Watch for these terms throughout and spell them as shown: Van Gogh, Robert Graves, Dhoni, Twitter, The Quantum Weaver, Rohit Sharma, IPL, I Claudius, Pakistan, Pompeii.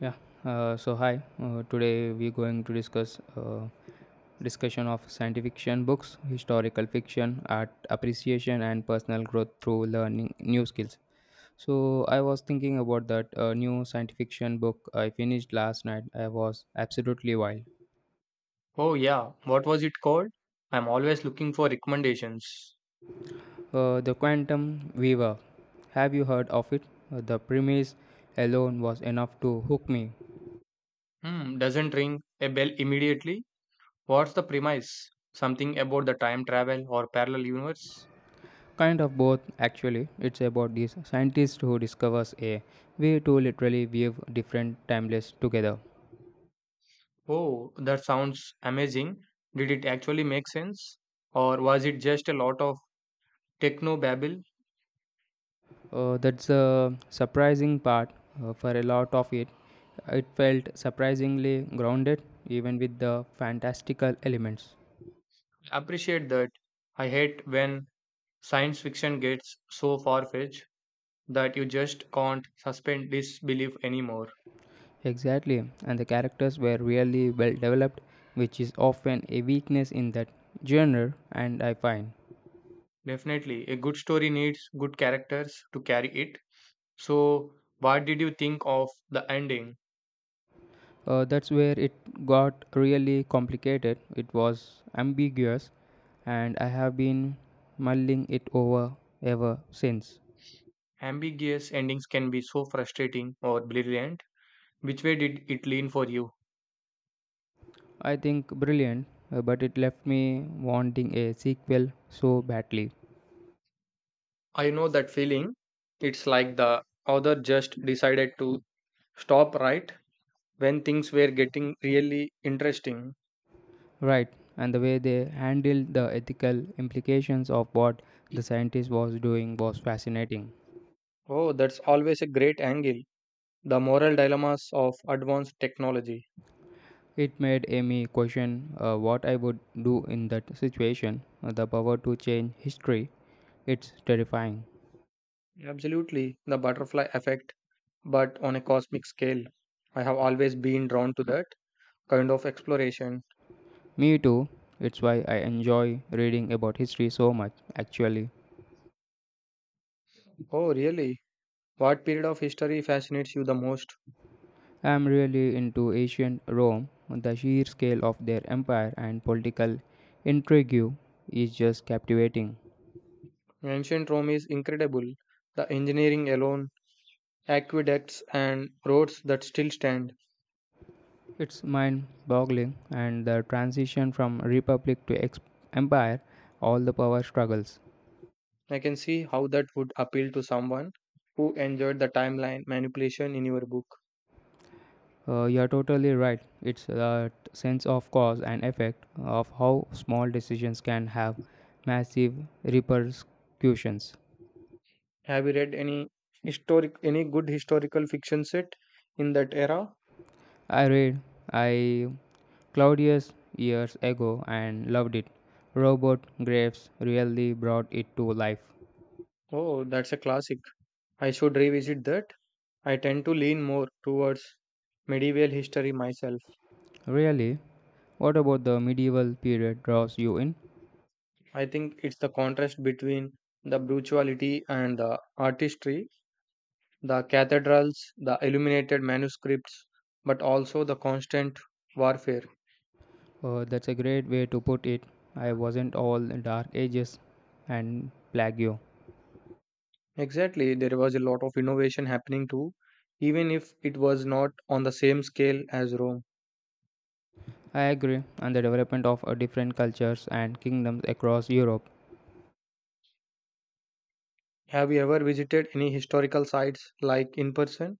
Yeah. So hi. Today we're going to discuss discussion of scientific fiction books, historical fiction, art appreciation, and personal growth through learning new skills. So I was thinking about that new science fiction book I finished last night. I was absolutely wild. Oh yeah, what was it called? I'm always looking for recommendations. The Quantum Weaver. Have you heard of it? The premise alone was enough to hook me. Hmm, doesn't ring a bell immediately. What's the premise? Something about the time travel or parallel universe? Kind of both, actually. It's about these scientists who discovers a way to literally weave different timelines together. Oh, that sounds amazing. Did it actually make sense? Or was it just a lot of techno babble? That's a surprising part. For a lot of it, it felt surprisingly grounded, even with the fantastical elements. Appreciate that. I hate when science fiction gets so far fetched that you just can't suspend disbelief anymore. Exactly, and the characters were really well developed, which is often a weakness in that genre, and I find. Definitely, a good story needs good characters to carry it. So, what did you think of the ending? That's where it got really complicated. It was ambiguous, and I have been mulling it over ever since. Ambiguous endings can be so frustrating or brilliant. Which way did it lean for you? I think brilliant, but it left me wanting a sequel so badly. I know that feeling. It's like the author just decided to stop right when things were getting really interesting. Right, and the way they handled the ethical implications of what the scientist was doing was fascinating. Oh, that's always a great angle. The moral dilemmas of advanced technology. It made me question what I would do in that situation. The power to change history, it's terrifying. Absolutely, the butterfly effect, but on a cosmic scale. I have always been drawn to that kind of exploration. Me too. It's why I enjoy reading about history so much, actually. Oh, really? What period of history fascinates you the most? I'm really into ancient Rome. The sheer scale of their empire and political intrigue is just captivating. Ancient Rome is incredible. The engineering alone, aqueducts, and roads that still stand. It's mind boggling, and the transition from republic to empire, all the power struggles. I can see how that would appeal to someone who enjoyed the timeline manipulation in your book. You're totally right. It's that sense of cause and effect of how small decisions can have massive repercussions. Have you read any historic any good historical fiction set in that era? I read I Claudius years ago and loved it. Robert Graves really brought it to life. Oh, that's a classic. I should revisit that. I tend to lean more towards medieval history myself. Really? What about the medieval period draws you in? I think it's the contrast between the brutality and the artistry, the cathedrals, the illuminated manuscripts, but also the constant warfare. That's a great way to put it. I wasn't all dark ages and plague. Exactly, there was a lot of innovation happening too, even if it was not on the same scale as Rome. I agree on the development of different cultures and kingdoms across Europe. Have you ever visited any historical sites like in person?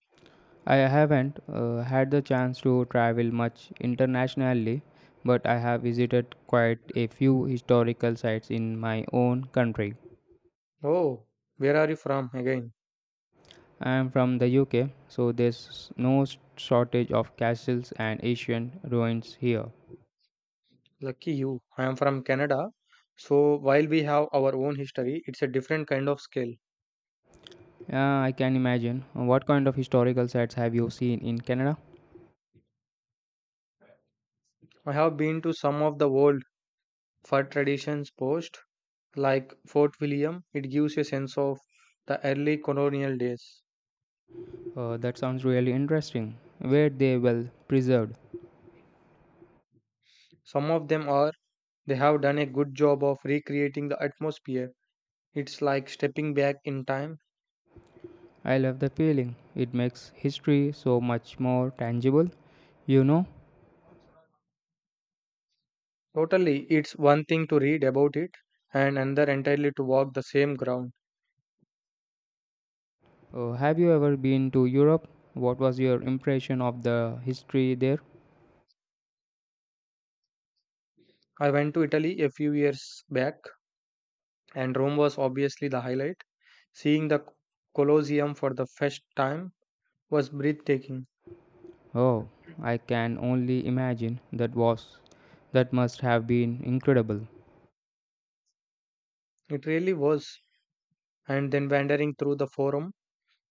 I haven't had the chance to travel much internationally, but I have visited quite a few historical sites in my own country. Oh, where are you from again? I am from the UK, so there's no shortage of castles and ancient ruins here. Lucky you, I am from Canada. So while we have our own history, it's a different kind of scale. Yeah, I can imagine. What kind of historical sites have you seen in Canada? I have been to some of the world for traditions post like Fort William, it gives a sense of the early colonial days. That sounds really interesting. Were they well preserved? Some of them are, they have done a good job of recreating the atmosphere. It's like stepping back in time. I love the feeling. It makes history so much more tangible. You know, Totally, it's one thing to read about it and another entirely to walk the same ground. Oh, have you ever been to Europe? What was your impression of the history there? I went to Italy a few years back and Rome was obviously the highlight. Seeing the Colosseum for the first time was breathtaking. Oh, I can only imagine that was that must have been incredible. It really was. And then wandering through the forum,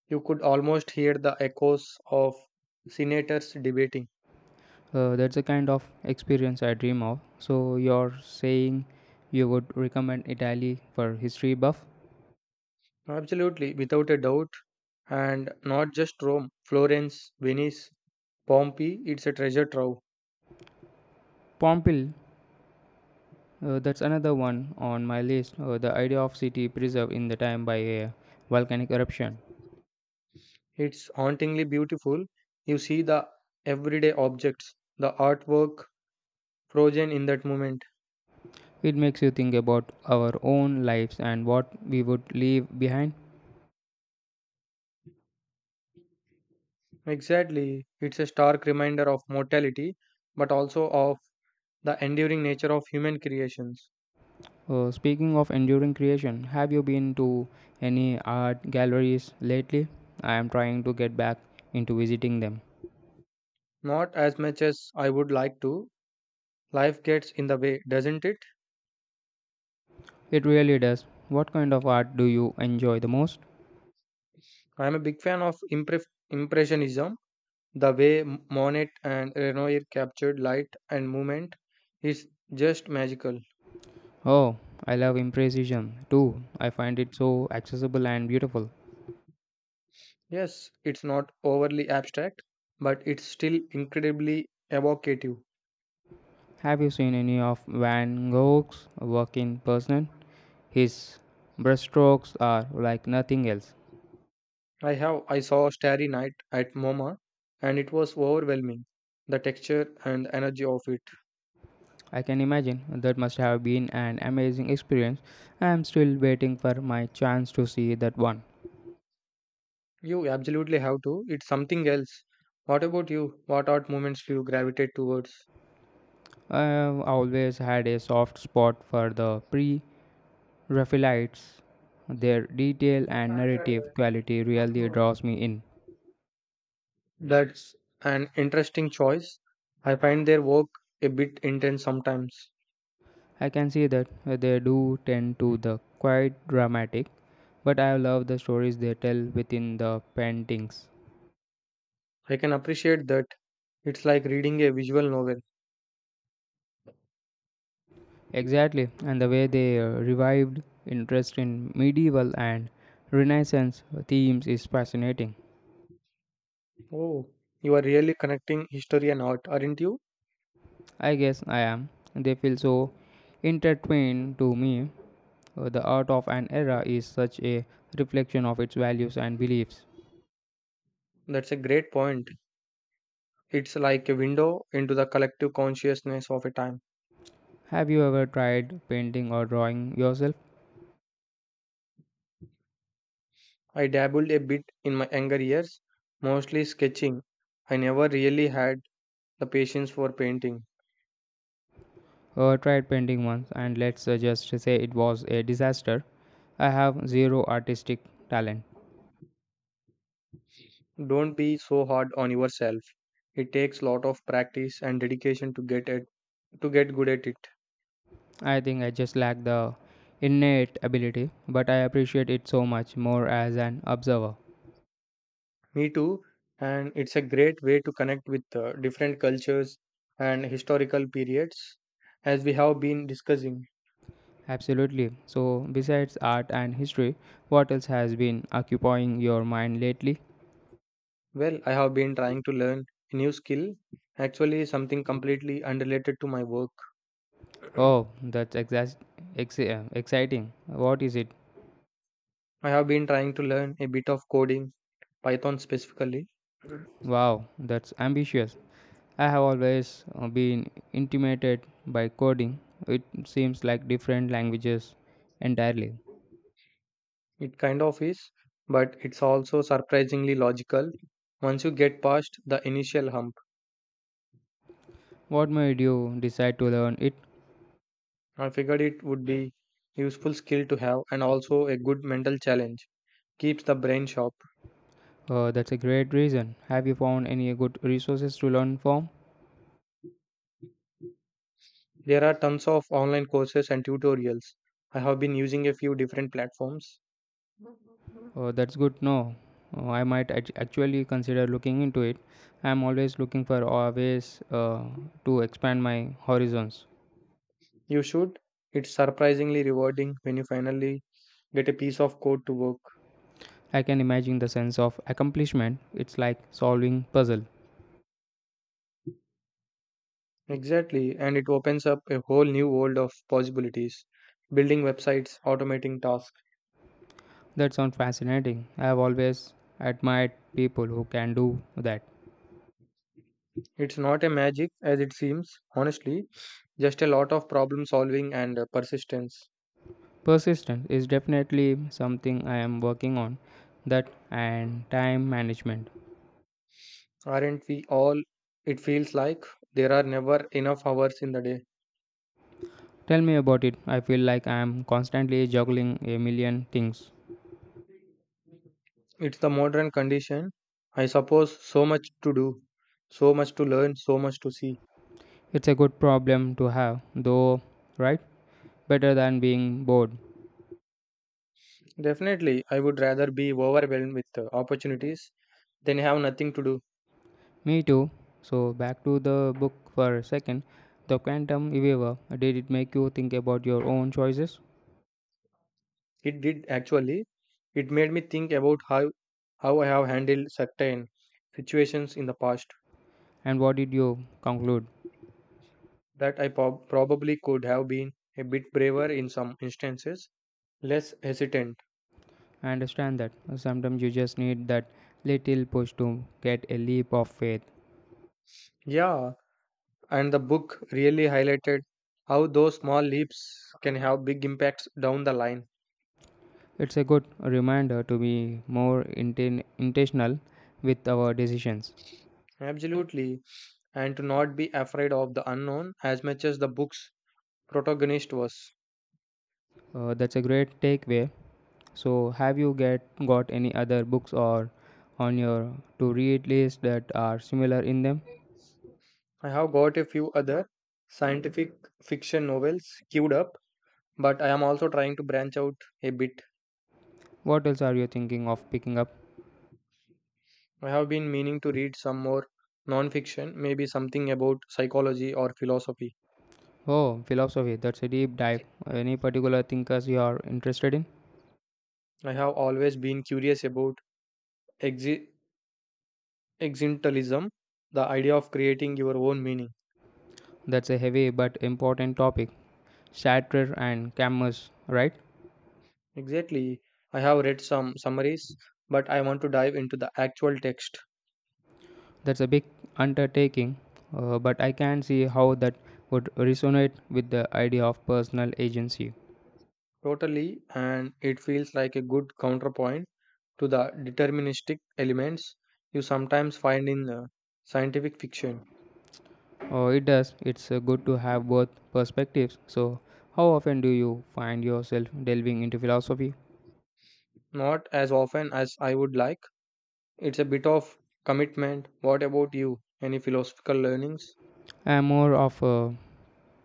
you could almost hear the echoes of senators debating. That's the kind of experience I dream of. So you're saying you would recommend Italy for history buff? Absolutely, without a doubt. And not just Rome, Florence, Venice, Pompeii, it's a treasure trove. Pompeii, that's another one on my list. The idea of city preserved in the time by a volcanic eruption. It's hauntingly beautiful. You see the everyday objects, the artwork frozen in that moment. It makes you think about our own lives and what we would leave behind. Exactly, it's a stark reminder of mortality, but also of the enduring nature of human creations. Speaking of enduring creation, have you been to any art galleries lately? I am trying to get back into visiting them. Not as much as I would like to. Life gets in the way, doesn't it? It really does. What kind of art do you enjoy the most? I'm a big fan of Impressionism. The way Monet and Renoir captured light and movement is just magical. Oh, I love impressionism too. I find it so accessible and beautiful. Yes, it's not overly abstract, but it's still incredibly evocative. Have you seen any of Van Gogh's work in person? His brushstrokes are like nothing else. I saw Starry Night at MoMA and it was overwhelming. The texture and the energy of it. I can imagine that must have been an amazing experience. I am still waiting for my chance to see that one. You absolutely have to. It's something else. What about you? What art movements do you gravitate towards? I have always had a soft spot for the pre Raphaelites. Their detail and narrative quality really draws me in. That's an interesting choice. I find their work a bit intense sometimes. I can see that they do tend to the quite dramatic, but I love the stories they tell within the paintings. I can appreciate that. It's like reading a visual novel. Exactly, and the way they revived interest in medieval and Renaissance themes is fascinating. Oh, you are really connecting history and art, aren't you? I guess I am. They feel so intertwined to me. The art of an era is such a reflection of its values and beliefs. That's a great point. It's like a window into the collective consciousness of a time. Have you ever tried painting or drawing yourself? I dabbled a bit in my younger years, mostly sketching. I never really had the patience for painting. Tried painting once, and let's just say it was a disaster. I have zero artistic talent. Don't be so hard on yourself. It takes lot of practice and dedication to get good at it. I think I just lack the innate ability, but I appreciate it so much more as an observer. Me too. And it's a great way to connect with different cultures and historical periods, as we have been discussing. Absolutely. So, besides art and history, what else has been occupying your mind lately? Well, I have been trying to learn a new skill, actually, something completely unrelated to my work. I Oh, that's exciting. What is it? have been trying to learn a bit of coding, Python specifically. Wow, that's ambitious. I have always been intimidated by coding. It seems like different languages entirely. It kind of is, but it's also surprisingly logical once you get past the initial hump. What made you decide to learn it? I figured it would be useful skill to have and also a good mental challenge. Keeps the brain sharp. That's a great reason. Have you found any good resources to learn from? There are tons of online courses and tutorials. I have been using a few different platforms. That's good. No, I might actually consider looking into it. I'm always looking for ways to expand my horizons. You should. It's surprisingly rewarding when you finally get a piece of code to work. I can imagine the sense of accomplishment. It's like solving puzzle. Exactly, and it opens up a whole new world of possibilities. Building websites, automating tasks. That sounds fascinating. I have always admired people who can do that. It's not a magic as it seems, honestly, just a lot of problem solving and persistence. Persistence is definitely something I am working on, that and time management. Aren't we all? It feels like there are never enough hours in the day. Tell me about it. I feel like I am constantly juggling a million things. It's the modern condition. I suppose, so much to do, so much to learn, so much to see. It's a good problem to have, though, right? Better than being bored. Definitely, I would rather be overwhelmed with opportunities than have nothing to do. Me too. So, back to the book for a second. The Quantum Weaver. Did it make you think about your own choices? It did actually. It made me think about how I have handled certain situations in the past, And what did you conclude? that I probably could have been a bit braver in some instances, less hesitant. I understand that. Sometimes you just need that little push to get a leap of faith. Yeah, and the book really highlighted how those small leaps can have big impacts down the line. It's a good reminder to be more intentional with our decisions. Absolutely. And to not be afraid of the unknown as much as the book's protagonist was. That's a great takeaway. So, have you get got any other books or on your to read list that are similar in them? I have got a few other scientific fiction novels queued up, but I am also trying to branch out a bit. What else are you thinking of picking up? I have been meaning to read some more non-fiction, maybe something about psychology or philosophy. Oh, philosophy. That's a deep dive. Any particular thinkers you are interested in? I have always been curious about exi- existentialism, the idea of creating your own meaning. That's a heavy but important topic. Shattered and cameras, right? Exactly. I have read some summaries, but I want to dive into the actual text. That's a big undertaking, but I can see how that would resonate with the idea of personal agency. Totally, and it feels like a good counterpoint to the deterministic elements you sometimes find in scientific fiction. Oh, it does. It's good to have both perspectives. So, how often do you find yourself delving into philosophy? Not as often as I would like. It's a bit of commitment. What about you? Any philosophical learnings I'm more of a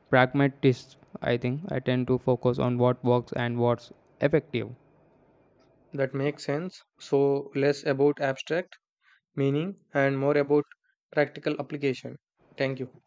pragmatist, I think. I tend to focus on what works and what's effective. that make sense? So, less about abstract meaning and more about practical application. Thank you.